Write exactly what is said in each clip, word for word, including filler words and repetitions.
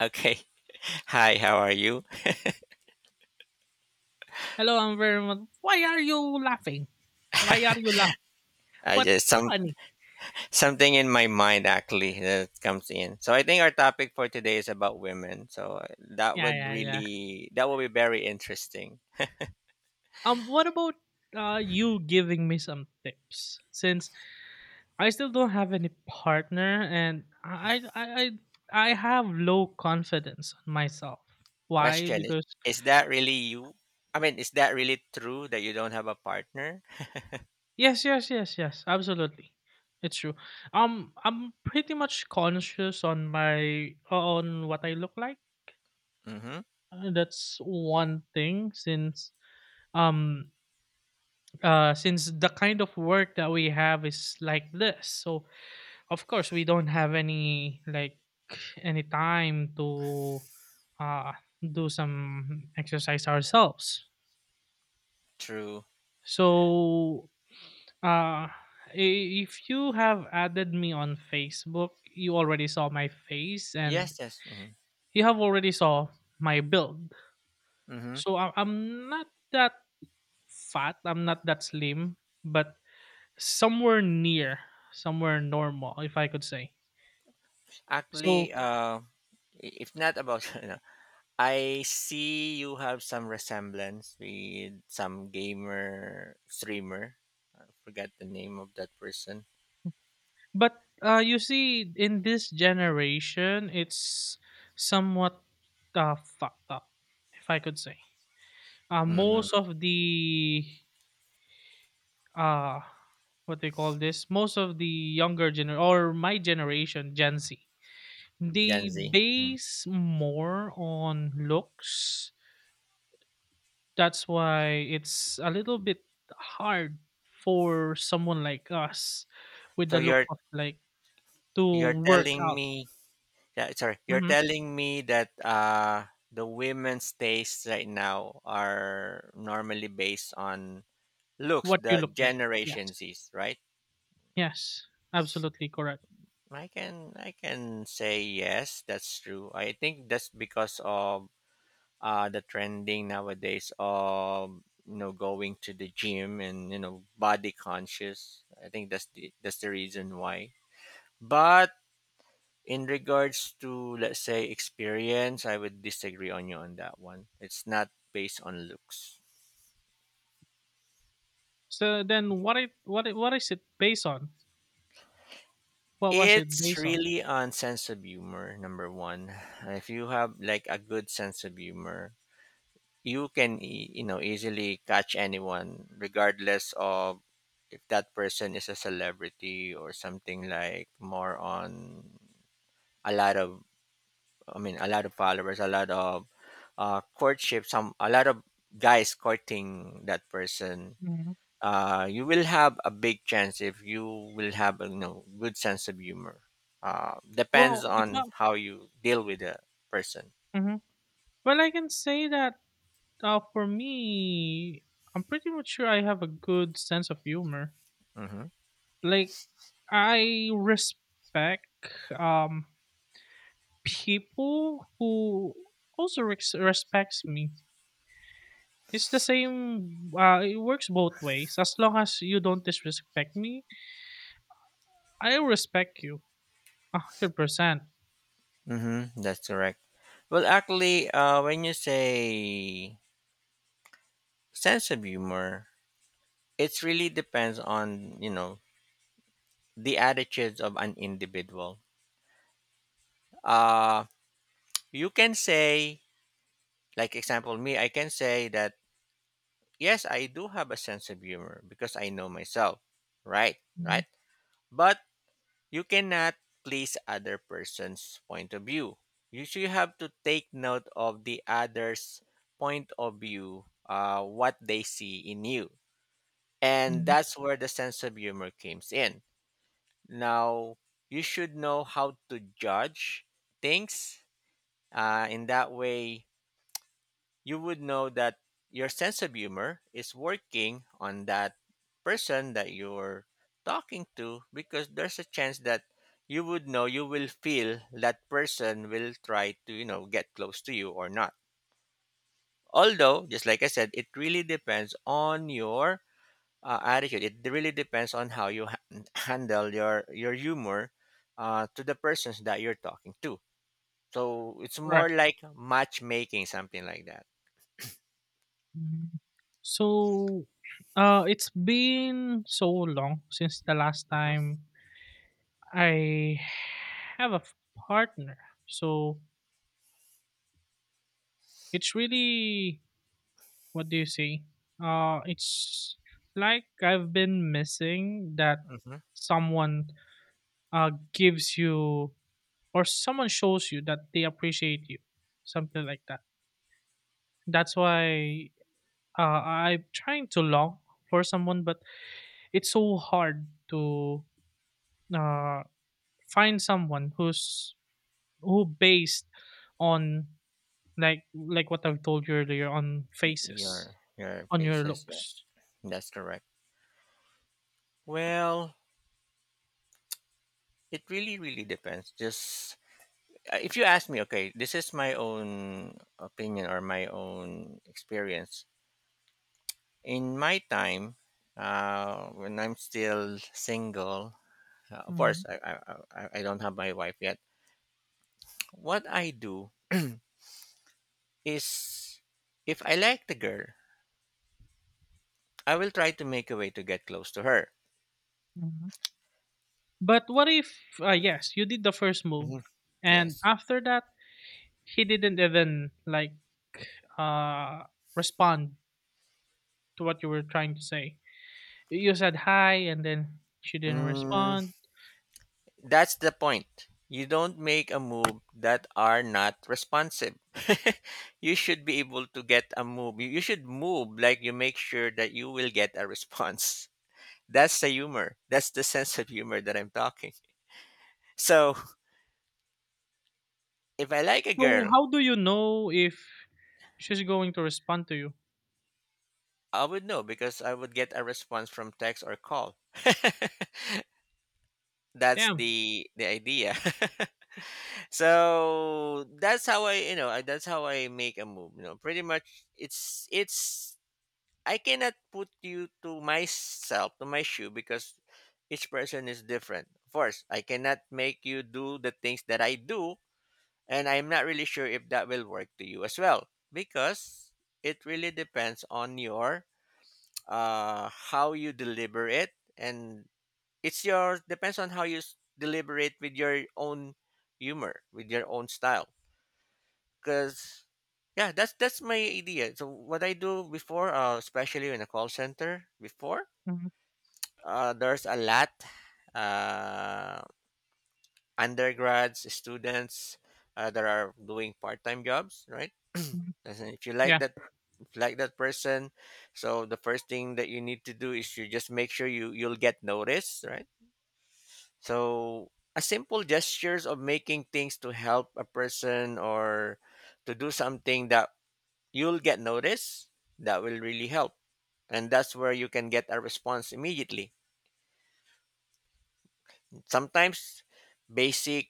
Okay. Hi, how are you? Hello, I'm very much. Why are you laughing? Why are you laughing? I What's just some funny? something in my mind actually that comes in. So I think our topic for today is about women. So uh, that Yeah, would yeah, yeah. really that would be very interesting. Um, what about uh you giving me some tips? Since I still don't have any partner, and I, I, I, I have low confidence on myself. Why? Question is Because is that really you? I mean, is that really true that you don't have a partner? yes, yes, yes, yes, absolutely, it's true. Um, I'm pretty much conscious on my on what I look like. Mhm. Uh, That's one thing. Since um uh, since the kind of work that we have is like this, so of course we don't have any like any time to uh, do some exercise ourselves, True. so uh, i- if you have added me on Facebook, you already saw my face, and Yes, yes. Mhm. you have already saw my build, Mhm. so I- i'm not that fat, I'm not that slim, but somewhere near, somewhere normal, if I could say. Actually, So, uh i- if not about you know, I see you have some resemblance with some gamer streamer forgot the name of that person. but uh, you see, in this generation, it's somewhat uh, fucked up, if I could say. Uh, Mm, most of the uh, what they call this, most of the younger, gener or my generation, Gen Z, Gen they Z. Mm. base more on looks. That's why it's a little bit hard for someone like us with So the look you're of like to you're work telling out. me that sorry, you're hmm telling me that uh the women's tastes right now are normally based on looks, what you the look like. Yes, Generation Z's, right? yes, absolutely correct. I can I can say yes, that's true. I think that's because of uh the trending nowadays of you know going to the gym and you know body conscious. I think that's the that's the reason why. But in regards to let's say experience, I would disagree on you on that one. It's not based on looks. So then what it what it, what is it based on? What was it It's based on? really on sense of humor, number one. If you have like a good sense of humor, you can e- you know easily catch anyone, regardless of if that person is a celebrity or something like more on a lot of I mean, a lot of followers, a lot of uh, courtship, some a lot of guys courting that person. hmm Uh, you will have a big chance if you will have a you know, good sense of humor. Uh, well depends if on not. how you deal with a person. Mhm. Well, I can say that, uh, for me, I'm pretty much sure I have a good sense of humor. Mm-hmm. Like, I respect um people who also res- respects me. It's the same. Uh, it works both ways. As long as you don't disrespect me, I respect you a hundred percent. Mm-hmm. That's correct. Well, actually, uh, when you say sense of humor, it really depends on you know the attitudes of an individual. Uh, you can say like example, me, I can say that yes, I do have a sense of humor because I know myself. Right, Mhm, right. But you cannot please other person's point of view. You should have to take note of the other's point of view, uh, what they see in you. And mhm, that's where the sense of humor comes in. Now, you should know how to judge things. Uh, in that way, you would know that your sense of humor is working on that person that you're talking to because there's a chance that you would know you will feel that person will try to you know get close to you or not, although just like I said it really depends on your uh, attitude. It really depends on how you ha- handle your your humor uh, to the persons that you're talking to, so it's more correct. like matchmaking something like that. Mhm. So, uh, it's been so long since the last Mhm, time I have a f- partner. So it's really, what do you say? Uh, it's like I've been missing that mhm. someone, uh, gives you, or someone shows you that they appreciate you, something like that. That's why uh, I'm trying to long for someone, but it's so hard to uh, find someone who's who based on like like what I've told you earlier, on faces, Your your on your faces, yes, looks. that's correct. Well, it really really depends. Just uh, if you ask me, okay, this is my own opinion or my own experience. In my time, uh, when I'm still single, uh, of course, Mhm, I, I I I don't have my wife yet. What I do is, if I like the girl, I will try to make a way to get close to her. mhm. But what if, uh, yes, you did the first move, Mhm. and Yes. after that, he didn't even like uh respond to what you were trying to say. You said hi, and then she didn't Mm, respond. That's the point. You don't make a move that are not responsive. You should be able to get a move. You you should move like you make sure that you will get a response. That's the humor. That's the sense of humor that I'm talking. So, if I like a So girl, how do you know if she's going to respond to you? I would know because I would get a response from text or call. That's Damn. the the idea. So that's how I, you know, I- that's how I make a move. You know, pretty much it's it's I cannot put you to myself, to my shoe, because each person is different. Of course, I cannot make you do the things that I do, and I'm not really sure if that will work to you as well, because it really depends on your uh, how you deliver it, and it's your depends on how you s- deliver it with your own humor, with your own style, because. Yeah, that's that's my idea. So what I do before, uh, especially in a call center before, Mhm, uh, there's a lot uh, undergrads students uh, that are doing part-time jobs, right? mhm, As in, if you like yeah. that if you like that person, so the first thing that you need to do is you just make sure you you'll get noticed, right? So a simple gestures of making things to help a person or to do something that you'll get noticed, that will really help, and that's where you can get a response immediately. Sometimes basic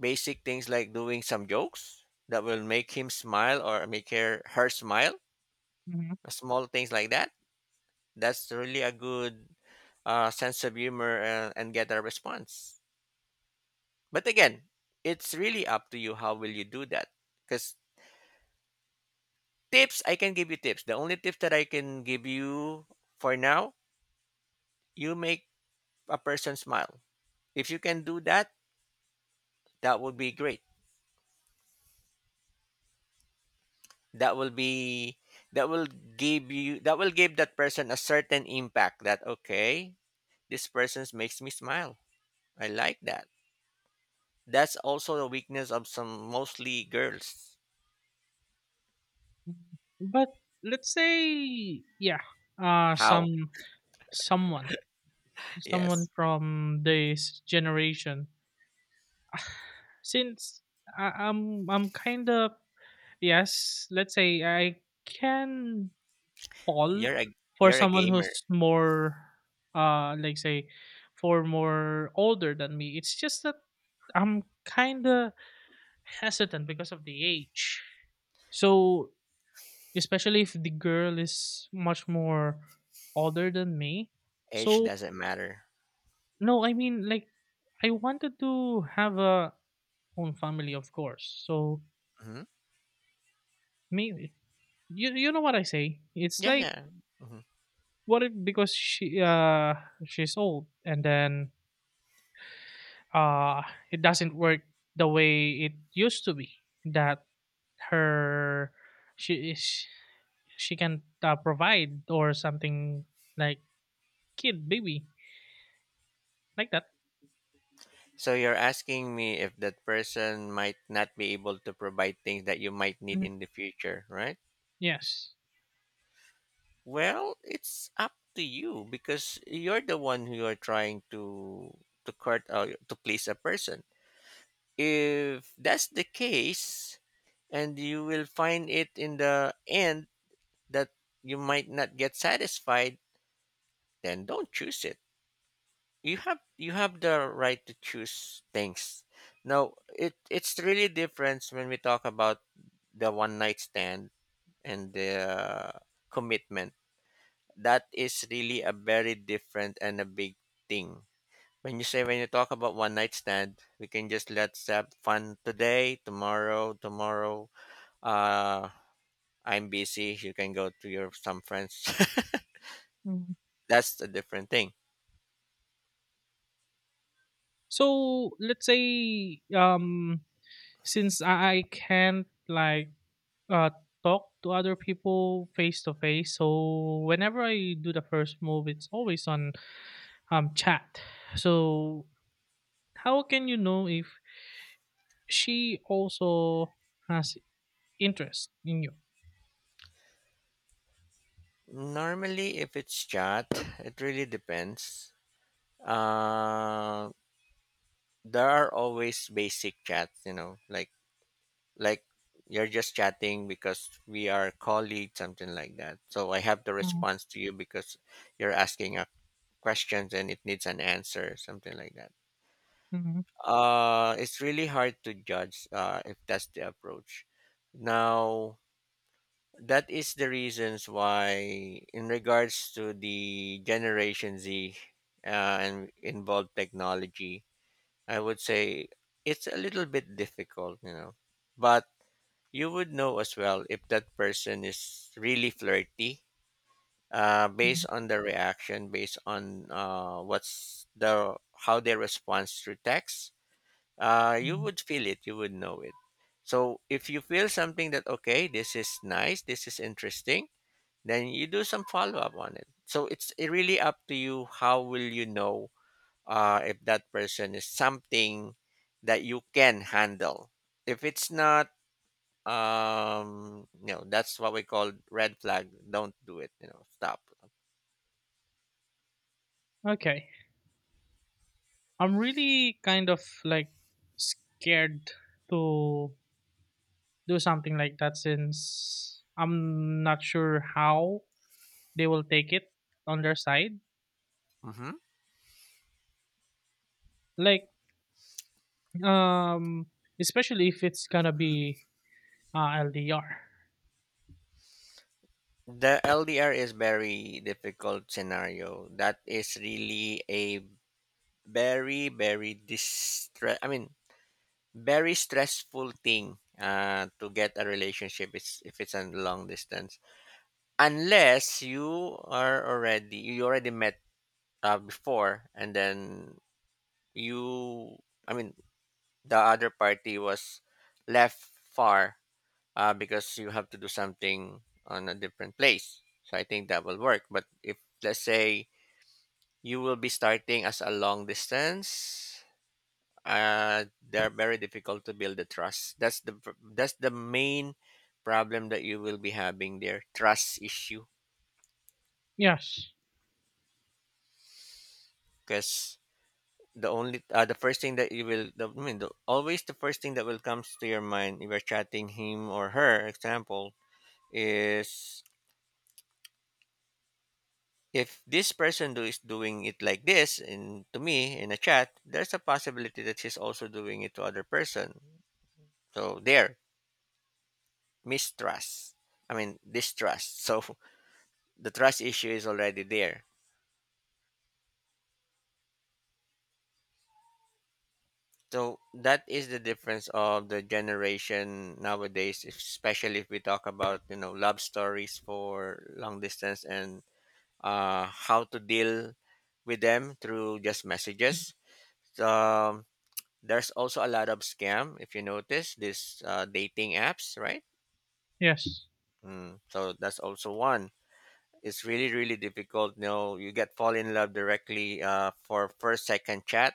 basic things like doing some jokes that will make him smile or make her her smile, Mhm, small things like that, that's really a good uh, sense of humor uh, and get a response. But again, it's really up to you how will you do that, because tips I can give you tips, the only tips that I can give you for now, you make a person smile. If you can do that, that would be great. That will be that will give you that will give that person a certain impact that okay, this person makes me smile, I like that. That's also the weakness of some mostly girls. mhm. But let's say, yeah, uh, How some someone, someone yes, from this generation. Since I, I'm, I'm kind of. Yes, let's say I can fall you're a for you're a someone gamer, who's more, uh like say, for more older than me. It's just that I'm kind of hesitant because of the age. So, especially if the girl is much more older than me. age So, doesn't matter. no, I mean, like, I wanted to have a own family, of course. So, Hmm, me you you know what I say? It's yeah like, yeah. Hmm, what if, because she, uh she's old, and then, uh it doesn't work the way it used to be, that her she is she can uh, provide, or something, like kid, baby, like that. so you're asking me if that person might not be able to provide things that you might need Mhm. in the future, right? Yes. Well, it's up to you because you're the one who are trying to to court uh, to please a person. If that's the case, and you will find it in the end that you might not get satisfied, then don't choose it. You have you have the right to choose things. Now, it it's really different when we talk about the one night stand and the commitment, that is really a very different and a big thing. When you say when you talk about one night stand, we can just let's have fun today, tomorrow, tomorrow. Uh, I'm busy. You can go to your some friends. Mhm. That's a different thing. So let's say um since I I can't like uh talk to other people face to face, so whenever I do the first move, it's always on um chat. So how can you know if she also has interest in you? Normally, if it's chat, it really depends. Uh, there are always basic chats, you know, like like you're just chatting because we are colleagues something like that, so I have the Mhm, response to you because you're asking a questions and it needs an answer, something like that. mhm, Uh, it's really hard to judge uh, if that's the approach. Now that is the reasons why in regards to the Generation Z uh, and involved technology, I would say it's a little bit difficult, you know. But you would know as well if that person is really flirty, uh, based mhm, on the reaction, based on uh, what's the how they respond through text. Uh, you mhm. would feel it. You would know it. So if you feel something that okay, this is nice, this is interesting, then you do some follow up on it. So it's really up to you. How will you know uh, if that person is something that you can handle? If it's not, um, you know, that's what we call red flag. Don't do it, you know, stop. Okay, I'm really kind of like scared to do something like that, since I'm not sure how they will take it on their side. Hmm. Like, um especially if it's gonna be uh, L D R. The L D R is very difficult scenario. That is really a very very distress, I mean, very stressful thing uh to get a relationship is if it's a long distance, unless you are already you already met uh, before and then you I mean the other party was left far uh, because you have to do something on a different place. So I think that will work. But if let's say you will be starting as a long distance, uh, they're very difficult to build the trust. That's the pr- that's the main problem that you will be having there, trust issue, Yes. because the only uh, the first thing that you will the, I mean the, always the first thing that will comes to your mind if you're chatting him or her, example, is if this person do is doing it like this in to me in a chat, there's a possibility that she's also doing it to other person. So there mistrust, I mean distrust. So the trust issue is already there. So that is the difference of the generation nowadays, especially if we talk about you know love stories for long distance and uh, how to deal with them through just messages. Um, there's also a lot of scam if you notice this uh, dating apps, right? Yes. Mm. So that's also one. It's really really difficult. You know, you get fall in love directly uh, for first second chat,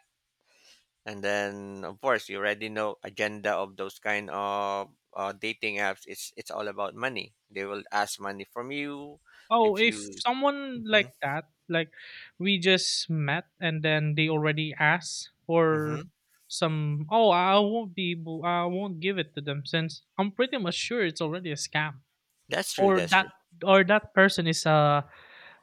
and then of course you already know agenda of those kind of uh, dating apps. It's it's all about money. They will ask money from you Oh, if if you. someone Hmm. like that, like we just met and then they already asked for Hmm. some. Oh, I won't be, able- I won't give it to them, since I'm pretty much sure it's already a scam, That's true. or That's that true. or that person is a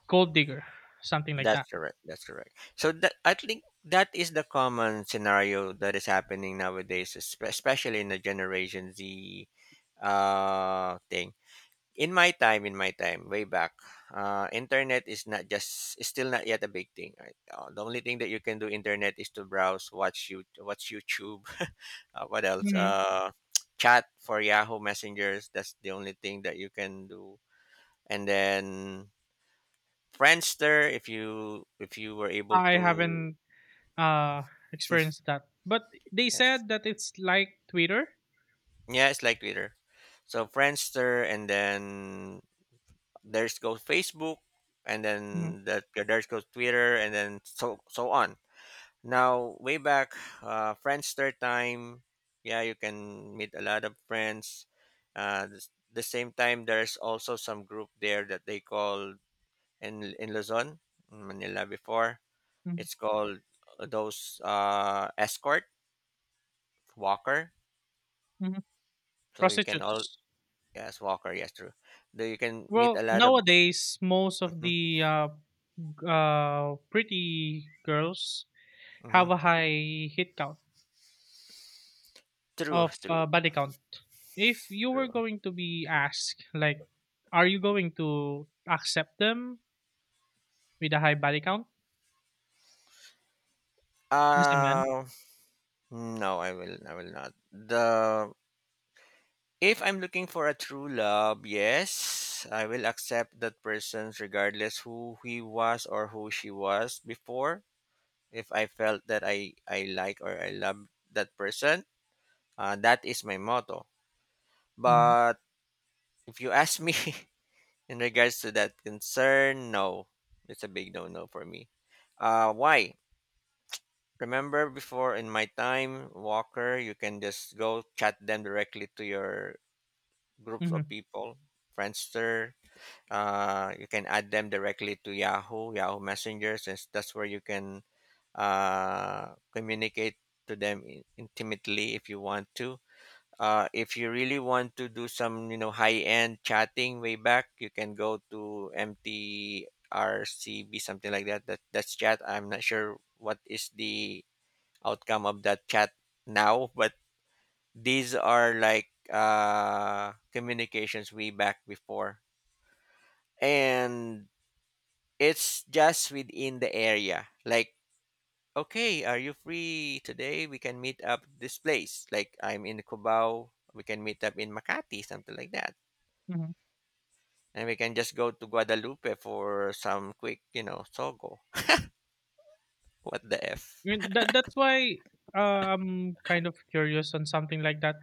gold digger, something like That's that. correct. That's correct. So that I think that is the common scenario that is happening nowadays, espe- especially in the Generation Z uh, thing. In my time, in my time, way back, uh, internet is not just is still not yet a big thing. Right? Uh, the only thing that you can do internet is to browse, watch you watch YouTube. Uh, what else? hmm Uh, chat for Yahoo messengers. That's the only thing that you can do. And then Friendster, if you if you were able I to, haven't uh experienced that, but they yes, said that it's like Twitter. yeah, it's like Twitter. So Friendster, and then there's goes Facebook, and then hmm that there's goes Twitter, and then so so on. Now way back, uh, Friendster time, yeah, you can meet a lot of friends. Uh, the, the, same time, there's also some group there that they call in in Luzon, in Manila before. hmm It's called uh, those uh, escort. Walker. So you can all, Prostitutes. yes, Walker. Yes, true. Though you can meet a Well, lot of. nowadays, most of Hmm. the uh, uh, pretty girls Hmm. have a high hit count True, of true, uh, body count. If you were true. going to be asked, like, are you going to accept them with a high body count as a man? Uh, no, I will. I will not. The If I'm looking for a true love, yes, I will accept that person regardless who he was or who she was before. If I felt that I I like or I love that person, uh, that is my motto. Mm-hmm. But if you ask me, in regards to that concern, no. It's a big no no for me. Uh, why? Remember before in my time, Walker, you can just go chat them directly to your groups of Mm-hmm. people, Friendster. Uh, you can add them directly to Yahoo, Yahoo Messenger, since that's where you can uh, communicate to them in- intimately if you want to. Uh, if you really want to do some, you know, high-end chatting way back, you can go to M T R C B, something like that. That that's chat. I'm not sure what is the outcome of that chat now, but these are like uh, communications way back before, and it's just within the area. Like, okay, are you free today? We can meet up this place. Like, I'm in Cubao. We can meet up in Makati, something like that. And we can just go to Guadalupe for some quick, you know, sogo. What the F? Mm-hmm. That, that's why uh, I'm kind of curious on something like that.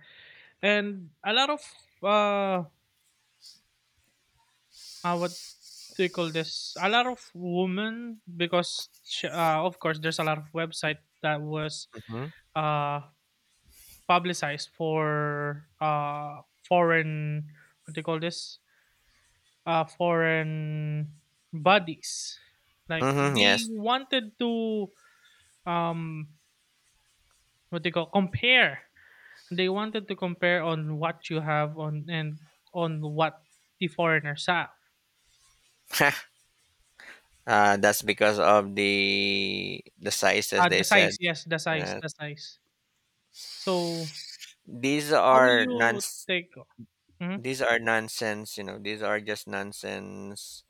And a lot of, uh, uh, what do you call this? A lot of women, because, sh- uh, of course, there's a lot of website that was Hmm. uh publicized for uh foreign, what do you call this, uh foreign bodies, like Hmm. they Yes. wanted to, um what they call, compare, they wanted to compare on what you have on, and on what the foreigners have. uh, that's because of the the sizes uh, they the said. size, yes, the size Uh, the size So these how will are you nonsense. take? Hmm. These are nonsense. You know, these are just nonsense.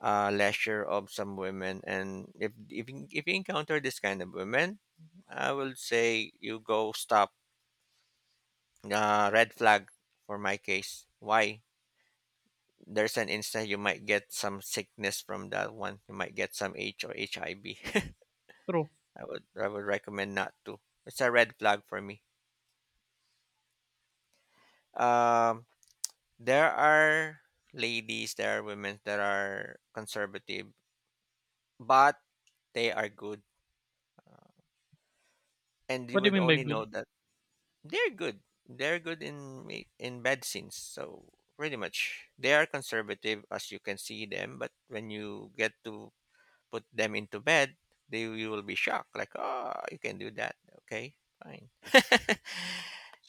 Uh, leisure of some women, and if if you- if you encounter this kind of women, I will say you go stop. Uh, red flag for my case. Why? There's an instant you might get some sickness from that one. You might get some H or H I V. I V. True. I would I would recommend not to. It's a red flag for me. Um, there are ladies, there are women that are conservative, but they are good, and you What do you would mean by only good? know that they're good. They're good in ma- in bed scenes. So pretty much, they are conservative as you can see them, but when you get to put them into bed, they you will be shocked, like, oh, you can do that. Okay, fine.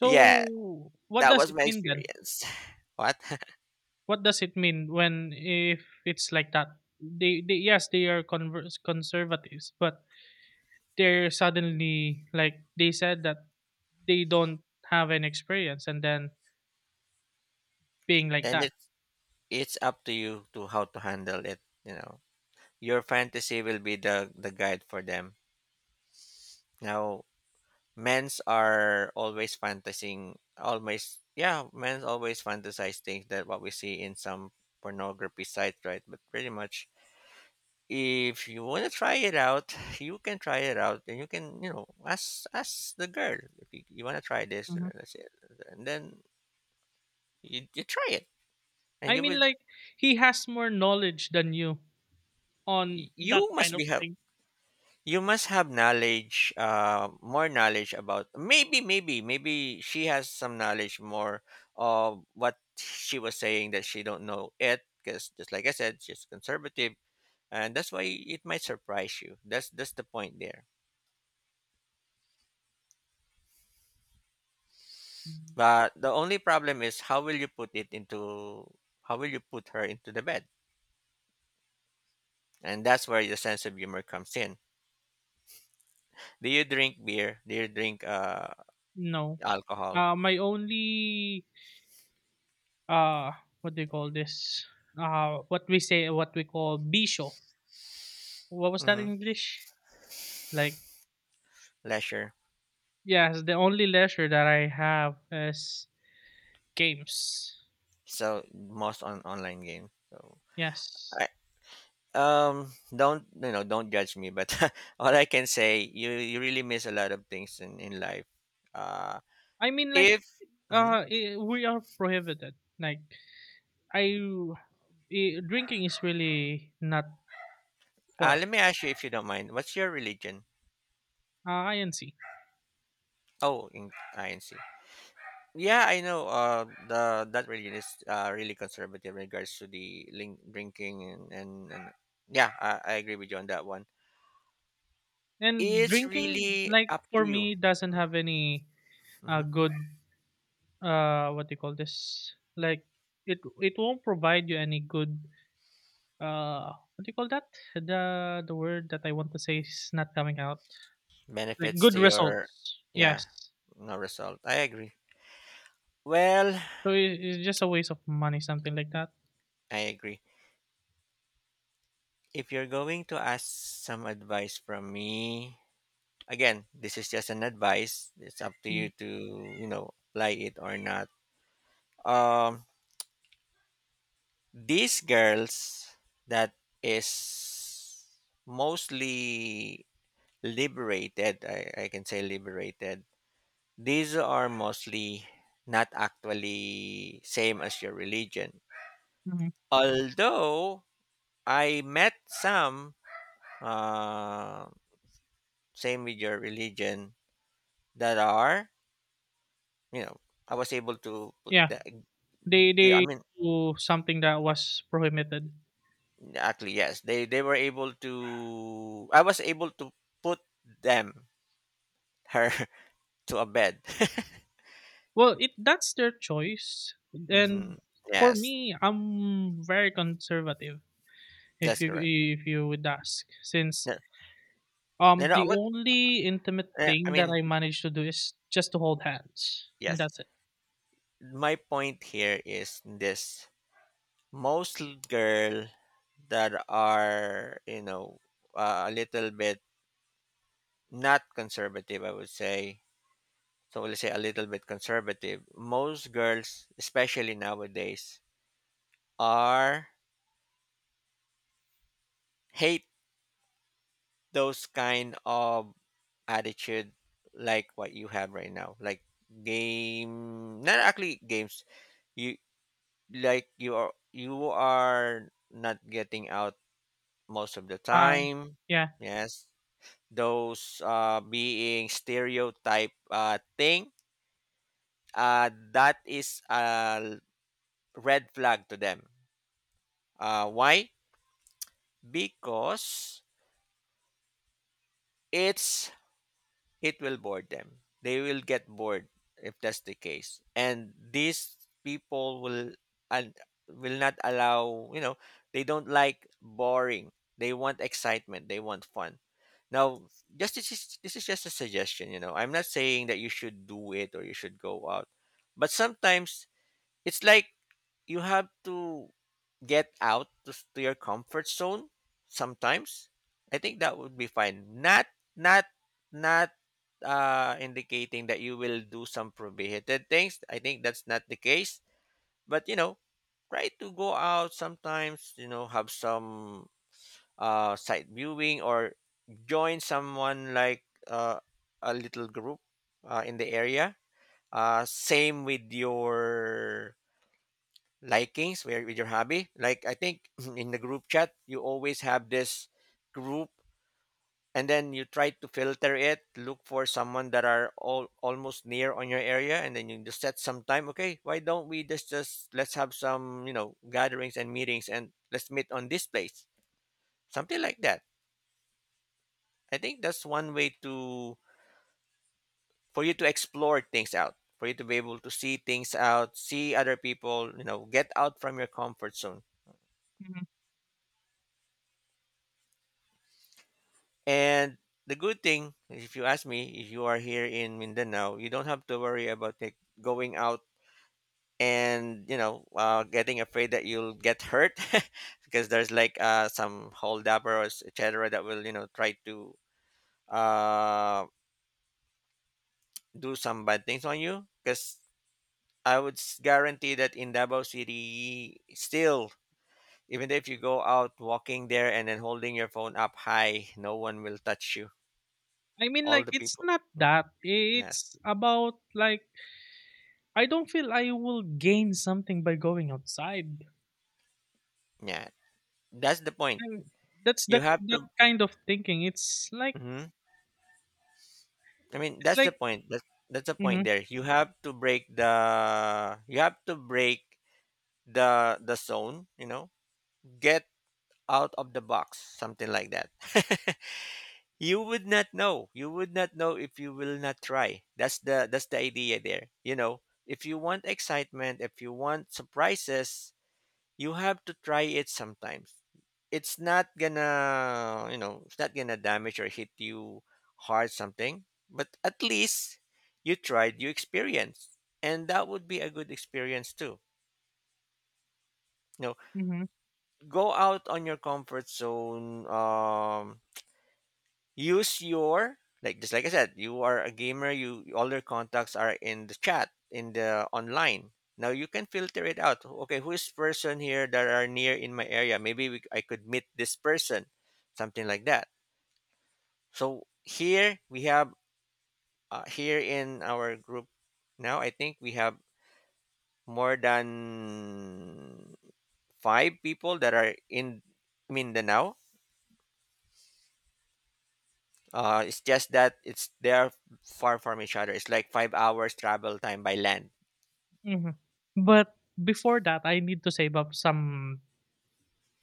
Yeah, what that does was it my mean then? experience. What? What does it mean when, if it's like that? They they, yes, they are converse conservatives, but they're suddenly, like, they said that they don't have an experience, and then being like And that. it's it's up to you to how to handle it. You know, your fantasy will be the the guide for them. Now, men's are always fantasizing, always, yeah, men's always fantasize things that what we see in some pornography sites, right? But pretty much if you want to try it out, you can try it out, and you can, you know, ask ask the girl if you, you want to try this, and then hmm that's it. And then you, you try it, and I you mean, would like, he has more knowledge than you on that you kind must of be have thing. you must have knowledge, uh, more knowledge about maybe maybe maybe she has some knowledge more of what she was saying that she don't know it, because just like I said, she's conservative, and that's why it might surprise you. That's that's the point there. But the only problem is how will you put it into how will you put her into the bed? And that's where your sense of humor comes in. Do you drink beer? Do you drink uh No. alcohol? Uh my only, uh what do you call this? Uh what we say what we call bisho. What was that Mm-hmm. in English? Like, Leisure. yes, the only leisure that I have is games. So most on online game. So Yes. I um don't you know don't judge me, but all I can say, you you really miss a lot of things in in life. Uh, I mean, like, if Mhm. uh I we are prohibited. Like, I, i- drinking is really not for uh, Let me us. ask you, if you don't mind, what's your religion? Uh, I and see. Oh, in I N C. Yeah, I know. Uh, the That religion is uh, really conservative in regards to the link, drinking and, and and yeah, I, I agree with you on that one. And It's drinking, really like up to for you. me, doesn't have any Mm-hmm. Uh mm-hmm. good, uh what do you call this? Like, it it won't provide you any good, uh what do you call that? The the word that I want to say is not coming out. Like, Benefits good to your, results. yeah, Yes. no result. I agree. Well, So it it's just a waste of money, something like that. I agree. If you're going to ask some advice from me, again, this is just an advice. It's up to Mm, you to you know apply it or not. Um, These girls that is mostly liberated, I, I can say liberated, these are mostly not actually same as your religion. mhm. Although I met some uh, same with your religion that are, you know, I was able to put Yeah, the, they they- I they mean, do something that was prohibited. actually, yes, they, they were able to, I was able to put them, her, to a bed. Well, it that's their choice. Hmm. And for Yes, me, I'm very conservative. If that's you correct. if you would ask, since No, no, um no, the but only intimate uh, I thing that mean, I manage to do is just to hold hands, and yes. that's it. My point here is this: most l- girl that are, you know uh, a little bit not conservative, I would say. So let's say a little bit conservative. Most girls, especially nowadays, are hate those kind of attitude like what you have right now, like game, not actually games. You, like, you are you are not getting out most of the Um, time. yeah. Yes. Those uh being stereotype uh thing, uh that is a red flag to them. Uh why? Because it's it will bore them. They will get bored if that's the case. And these people will and will not allow, you know, they don't like boring. They want excitement, they want fun. Now, just this is, this is just a suggestion, you know. I'm not saying that you should do it or you should go out. But sometimes it's like you have to get out to, s- to your comfort zone sometimes. I think that would be fine, not not not uh indicating that you will do some prohibited things. I think that's not the case, but you know try to go out sometimes, you know have some uh sight viewing, or join someone, like, uh, a little group, uh, in the area, uh same with your likings, where with your hobby. Like, I think in the group chat, you always have this group, and then you try to filter it. Look for someone that are all almost near on your area, and then you just set some time. Okay, why don't we just just let's have some you know gatherings and meetings, and let's meet on this place, something like that. I think that's one way to for you to explore things out, for you to be able to see things out, see other people, you know, get out from your comfort zone. Mhm. And the good thing, if you ask me, if you are here in Mindanao, you don't have to worry about, like, going out and you know uh, getting afraid that you'll get hurt, because there's like uh, some holdup or et cetera that will you know try to uh, do some bad things on you. Because I would s- guarantee that in Davao City, still, even if you go out walking there and then holding your phone up high, no one will touch you. I mean, All like, the it's people. not Mm. that. Yes. It's about like I don't feel I will gain something by going outside. Yeah, that's the point. And that's You that have that to. kind of thinking. It's like Mhm. I mean, it's that's the like point. That's that's the point hmm there. You have to break the. You have to break the the zone. You know, get out of the box, something like that. You would not know. You would not know if you will not try. That's the that's the idea there. You know, if you want excitement, if you want surprises, you have to try it sometimes. It's not gonna, you know, it's not gonna damage or hit you hard something, but at least you tried, you experienced. And that would be a good experience too. You know, hmm go out on your comfort zone, um, use your like just like I said, you are a gamer. You All your contacts are in the chat, in the online. Now you can filter it out. Okay, who is person here that are near in my area? Maybe we, I could meet this person, something like that. So here we have uh, here in our group now. I think we have more than five people that are in. I mean, the now. Uh, it's just that it's they're far from each other. It's like five hours travel time by land. hmm But before that, I need to save up some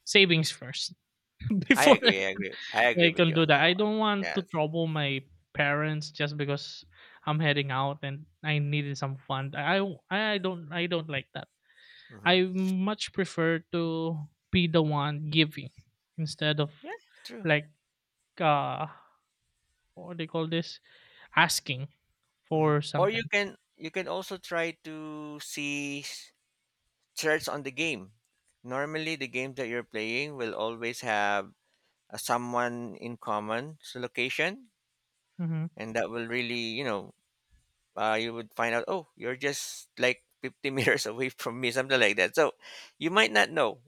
savings first I before agree. I agree. I agree I with can you on do that. that I one. don't want to Yes. trouble my parents just because I'm heading out and I needed some fun. I I I don't I don't like that. Hmm. I much prefer to be the one giving instead of Yeah. True. like, uh what do you call this? Asking hmm for Or you something. can you can also try to see s- threats on the game. Normally, the games that you're playing will always have uh, someone in common s- location, hmm and that will really you know uh, you would find out. Oh, you're just like fifty meters away from me, something like that. So you might not know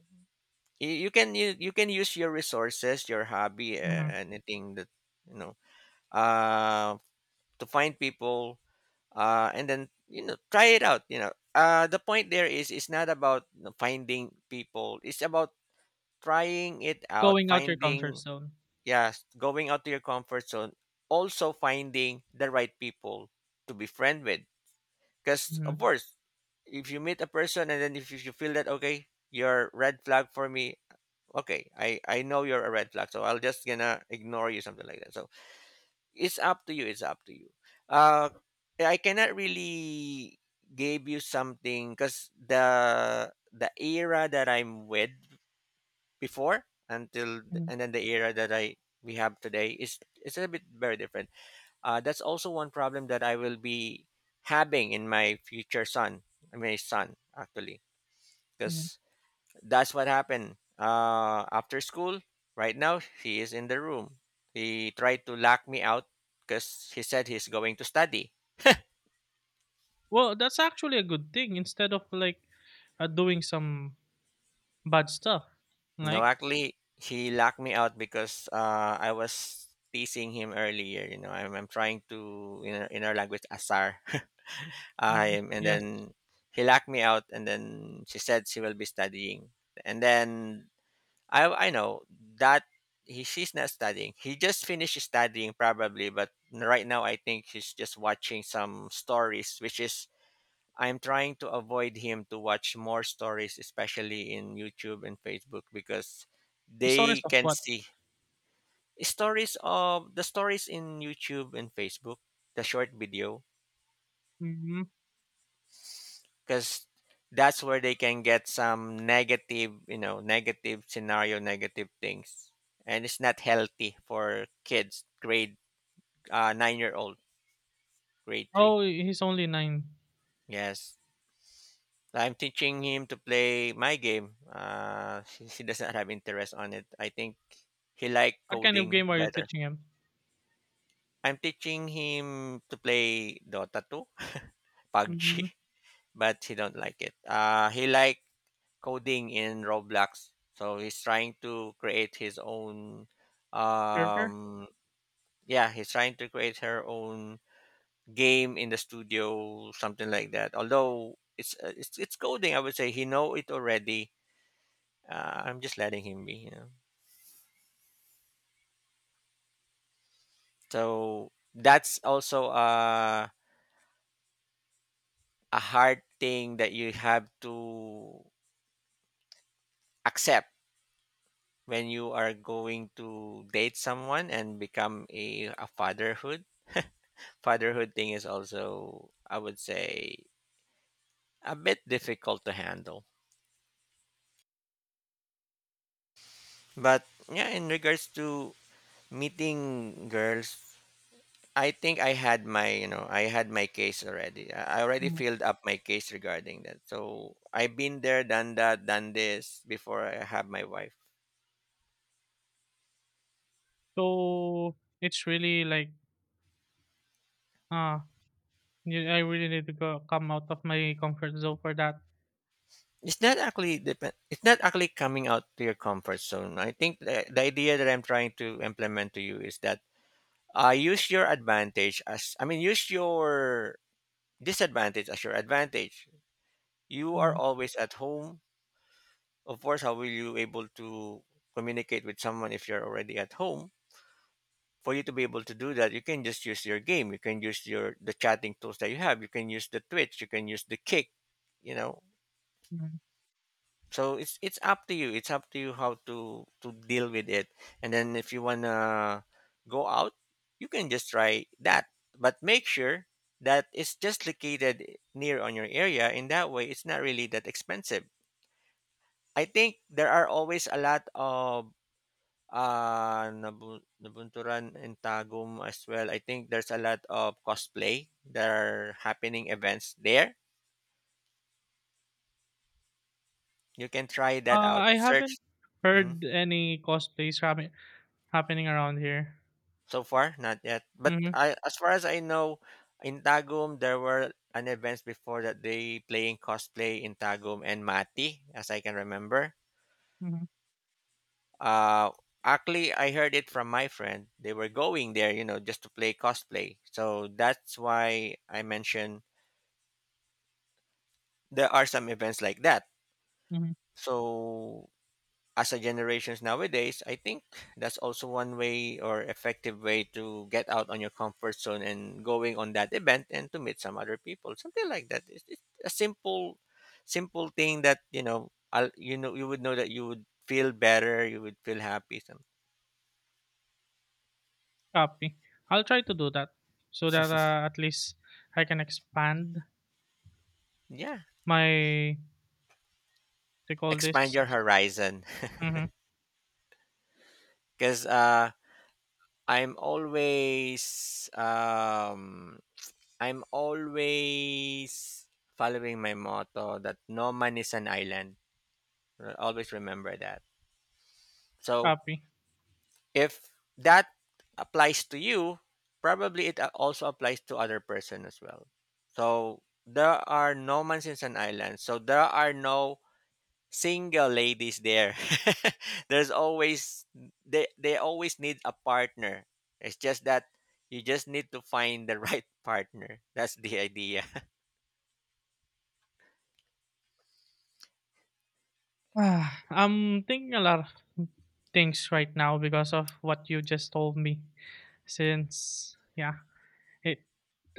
you, you can you, you can use your resources, your hobby, uh, hmm anything that you know uh to find people uh and then you know try it out. You know uh the point there is, it's not about you know, finding people, it's about trying it out, Going out your comfort finding. zone. Yes, going out to your comfort zone, also finding the right people to be friend with, because of hmm course if you meet a person and then if you you feel that, okay, you're red flag for me, okay, i i know you're a red flag, so I'll just gonna ignore you, something like that. So it's up to you, it's up to you. uh I cannot really give you something, because the the era that I'm with before, until hmm and then the era that I we have today, is it's a bit very different. Uh that's also one problem that I will be having in my future son, my son actually, hmm because that's what happened uh, after school. Right now he is in the room. He tried to lock me out because he said he's going to study. Well, that's actually a good thing instead of like, uh, doing some bad stuff. No, Like, actually he locked me out because uh, I was teasing him earlier, you know i'm, I'm trying to, in our, in our language, asar. mhm. Um, and Yes, then he locked me out, and then she said she will be studying, and then I I know that he she's not studying. He just finished studying, probably, but right now I think he's just watching some stories, which is, I'm trying to avoid him to watch more stories, especially in YouTube and Facebook, because he's they honest of can what? see stories of the stories in YouTube and Facebook, the short video, hmm because that's where they can get some negative, you know, negative scenario, negative things, and it's not healthy for kids, grade uh, nine-year-old, grade three. Oh, he's only nine. Yes, I'm teaching him to play my game. Uh, he, he doesn't have interest on it. I think he like What kind of coding game are you better. teaching him? I'm teaching him to play Dota two, PUBG, hmm but he don't like it. Uh, he like coding in Roblox. So he's trying to create his own, Server. um yeah, he's trying to create her own game in the studio, something like that. Although it's uh, it's it's coding, I would say he know it already. Uh, I'm just letting him be, you know. So that's also a a hard thing that you have to accept when you are going to date someone and become a, a fatherhood fatherhood thing is also, I would say, a bit difficult to handle. But yeah, in regards to meeting girls, I think I had my you know I had my case already. I I already Mhm. filled up my case regarding that. So I've been there, done that, done this before I have my wife. So it's really like, ah, you- I really need to go come out of my comfort zone for that. It's not actually depend. It's not actually coming out to your comfort zone. I think the, the idea that I'm trying to implement to you is that, uh, use your advantage, as, I mean, use your disadvantage as your advantage. You are Mhm. always at home. Of course, how will you able to communicate with someone if you're already at home? For you to be able to do that, you can just use your game. You can use your the chatting tools that you have. You can use the Twitch. You can use the Kick. You know, Mhm. so it's it's up to you. It's up to you how to to deal with it. And then if you wanna go out, you can just try that. But make sure that it's just located near on your area, in that way it's not really that expensive. I think there are always a lot of uh Nabu- Nabunturan in Tagum as well. I think there's a lot of cosplay that are happening events there. You can try that Uh, out. I haven't Search. Mhm. heard any cosplays happen happening around here. So far not yet, but Mhm, I, as far as I know, in Tagum there were an events before that they playing cosplay in Tagum and Mati, as I can remember. mhm, Uh, Actually, I heard it from my friend. They were going there, you know, just to play cosplay. So that's why I mentioned there are some events like that. mhm. So as a generations nowadays, I think that's also one way, or effective way, to get out on your comfort zone and going on that event and to meet some other people, something like that. It's, it's a simple, simple thing that you know, I'll, you know, you would know, that you would feel better, you would feel happy. Some. Copy. I'll try to do that so that, uh, at least I can expand Yeah, my, they call expand this. your horizon. Mhm, Because uh, I'm always um, I'm always following my motto that no man is an island. Uh, Always remember that. So copy. if that applies to you, probably it uh, also applies to other person as well. So there are no man is an island. So there are no single ladies there. There's always, they they always need a partner. It's just that you just need to find the right partner. That's the idea. Ah, I'm thinking a lot of things right now because of what you just told me. Since, yeah, it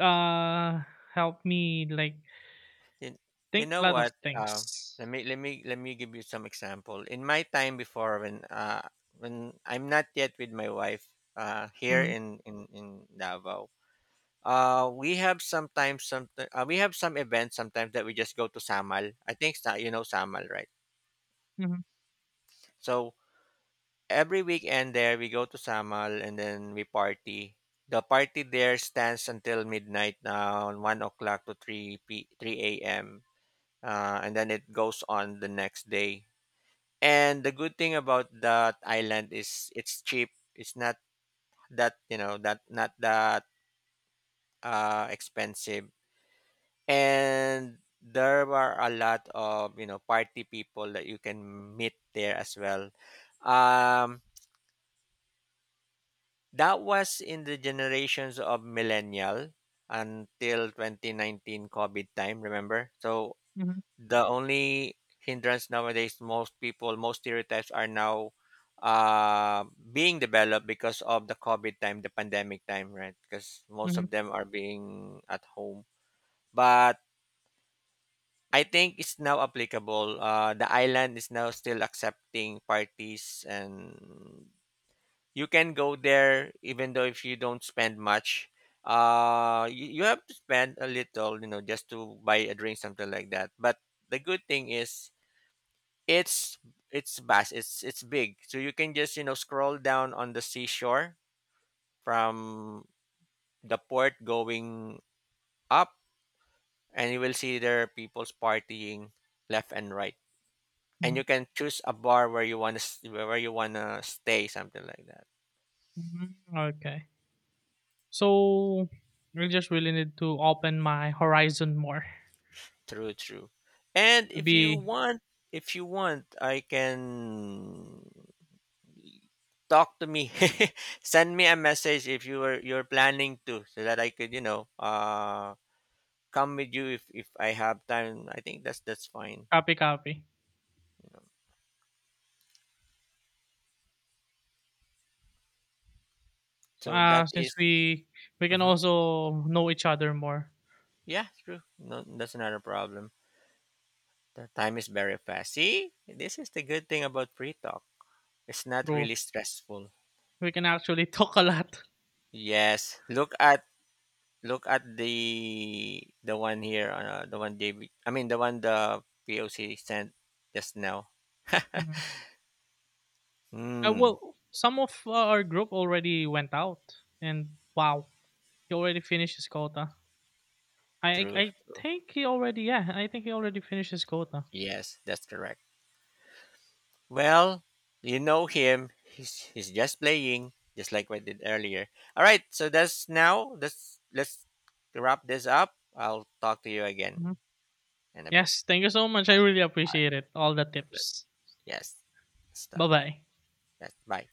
uh helped me, like, you, you think a know lot of what? Uh, things. let me let me let me give you some example. In my time before, when uh, when I'm not yet with my wife, uh, here Mhm, in in in Davao, uh, we have sometimes some uh, we have some events sometimes that we just go to Samal. I think sa- you know Samal, right? mhm, So every weekend there we go to Samal and then we party. The party there stands until midnight now, one o'clock to three p three a m. Uh, and then it goes on the next day. And the good thing about that island is it's cheap. It's not that you know that not that uh, expensive. And there are a lot of you know party people that you can meet there as well. Um, That was in the generations of millennial until twenty nineteen COVID time, remember? So mhm, the only hindrance nowadays, most people, most stereotypes are now uh, being developed because of the COVID time, the pandemic time, right? Because most mhm, of them are being at home. But I think it's now applicable. Uh, the island is now still accepting parties, and you can go there even though, if you don't spend much, uh you, you have to spend a little, you know just to buy a drink, something like that, but the good thing is, it's it's vast, it's it's big, so you can just you know scroll down on the seashore from the port going up, and you will see there are people's partying left and right, and mhm, you can choose a bar where you want to where you want to stay, something like that. mhm. Okay. So we just really need to open my horizon more True, true. And to if you be. want, if you want, I can talk to me. Send me a message if you are you're planning to, so that I could, you know, uh, come with you if if I have time. I think that's that's fine. Copy, copy. So Uh, that since is—. we we can Mhm. also know each other more Yeah, true. No, that's not a problem. The time is very fast. See, this is the good thing about free talk. It's not through, really stressful. we can actually talk a lot. Yes, look at. Look at the the one here, uh, the one David. I mean, the one the P O C sent just now. Mhm. Uh, Hmm. well, some of uh, our group already went out, and wow, he already finished his quota. I I True. I True. think he already yeah I think he already finished his quota. Yes, that's correct. Well, you know him. He's he's just playing, just like we did earlier. All right. So that's now. Let's let's wrap this up. I'll talk to you again Mhm. in a bit. Yes, thank you so much. I really appreciate it. All the tips. Yes. Stop. Bye bye. Yes, bye.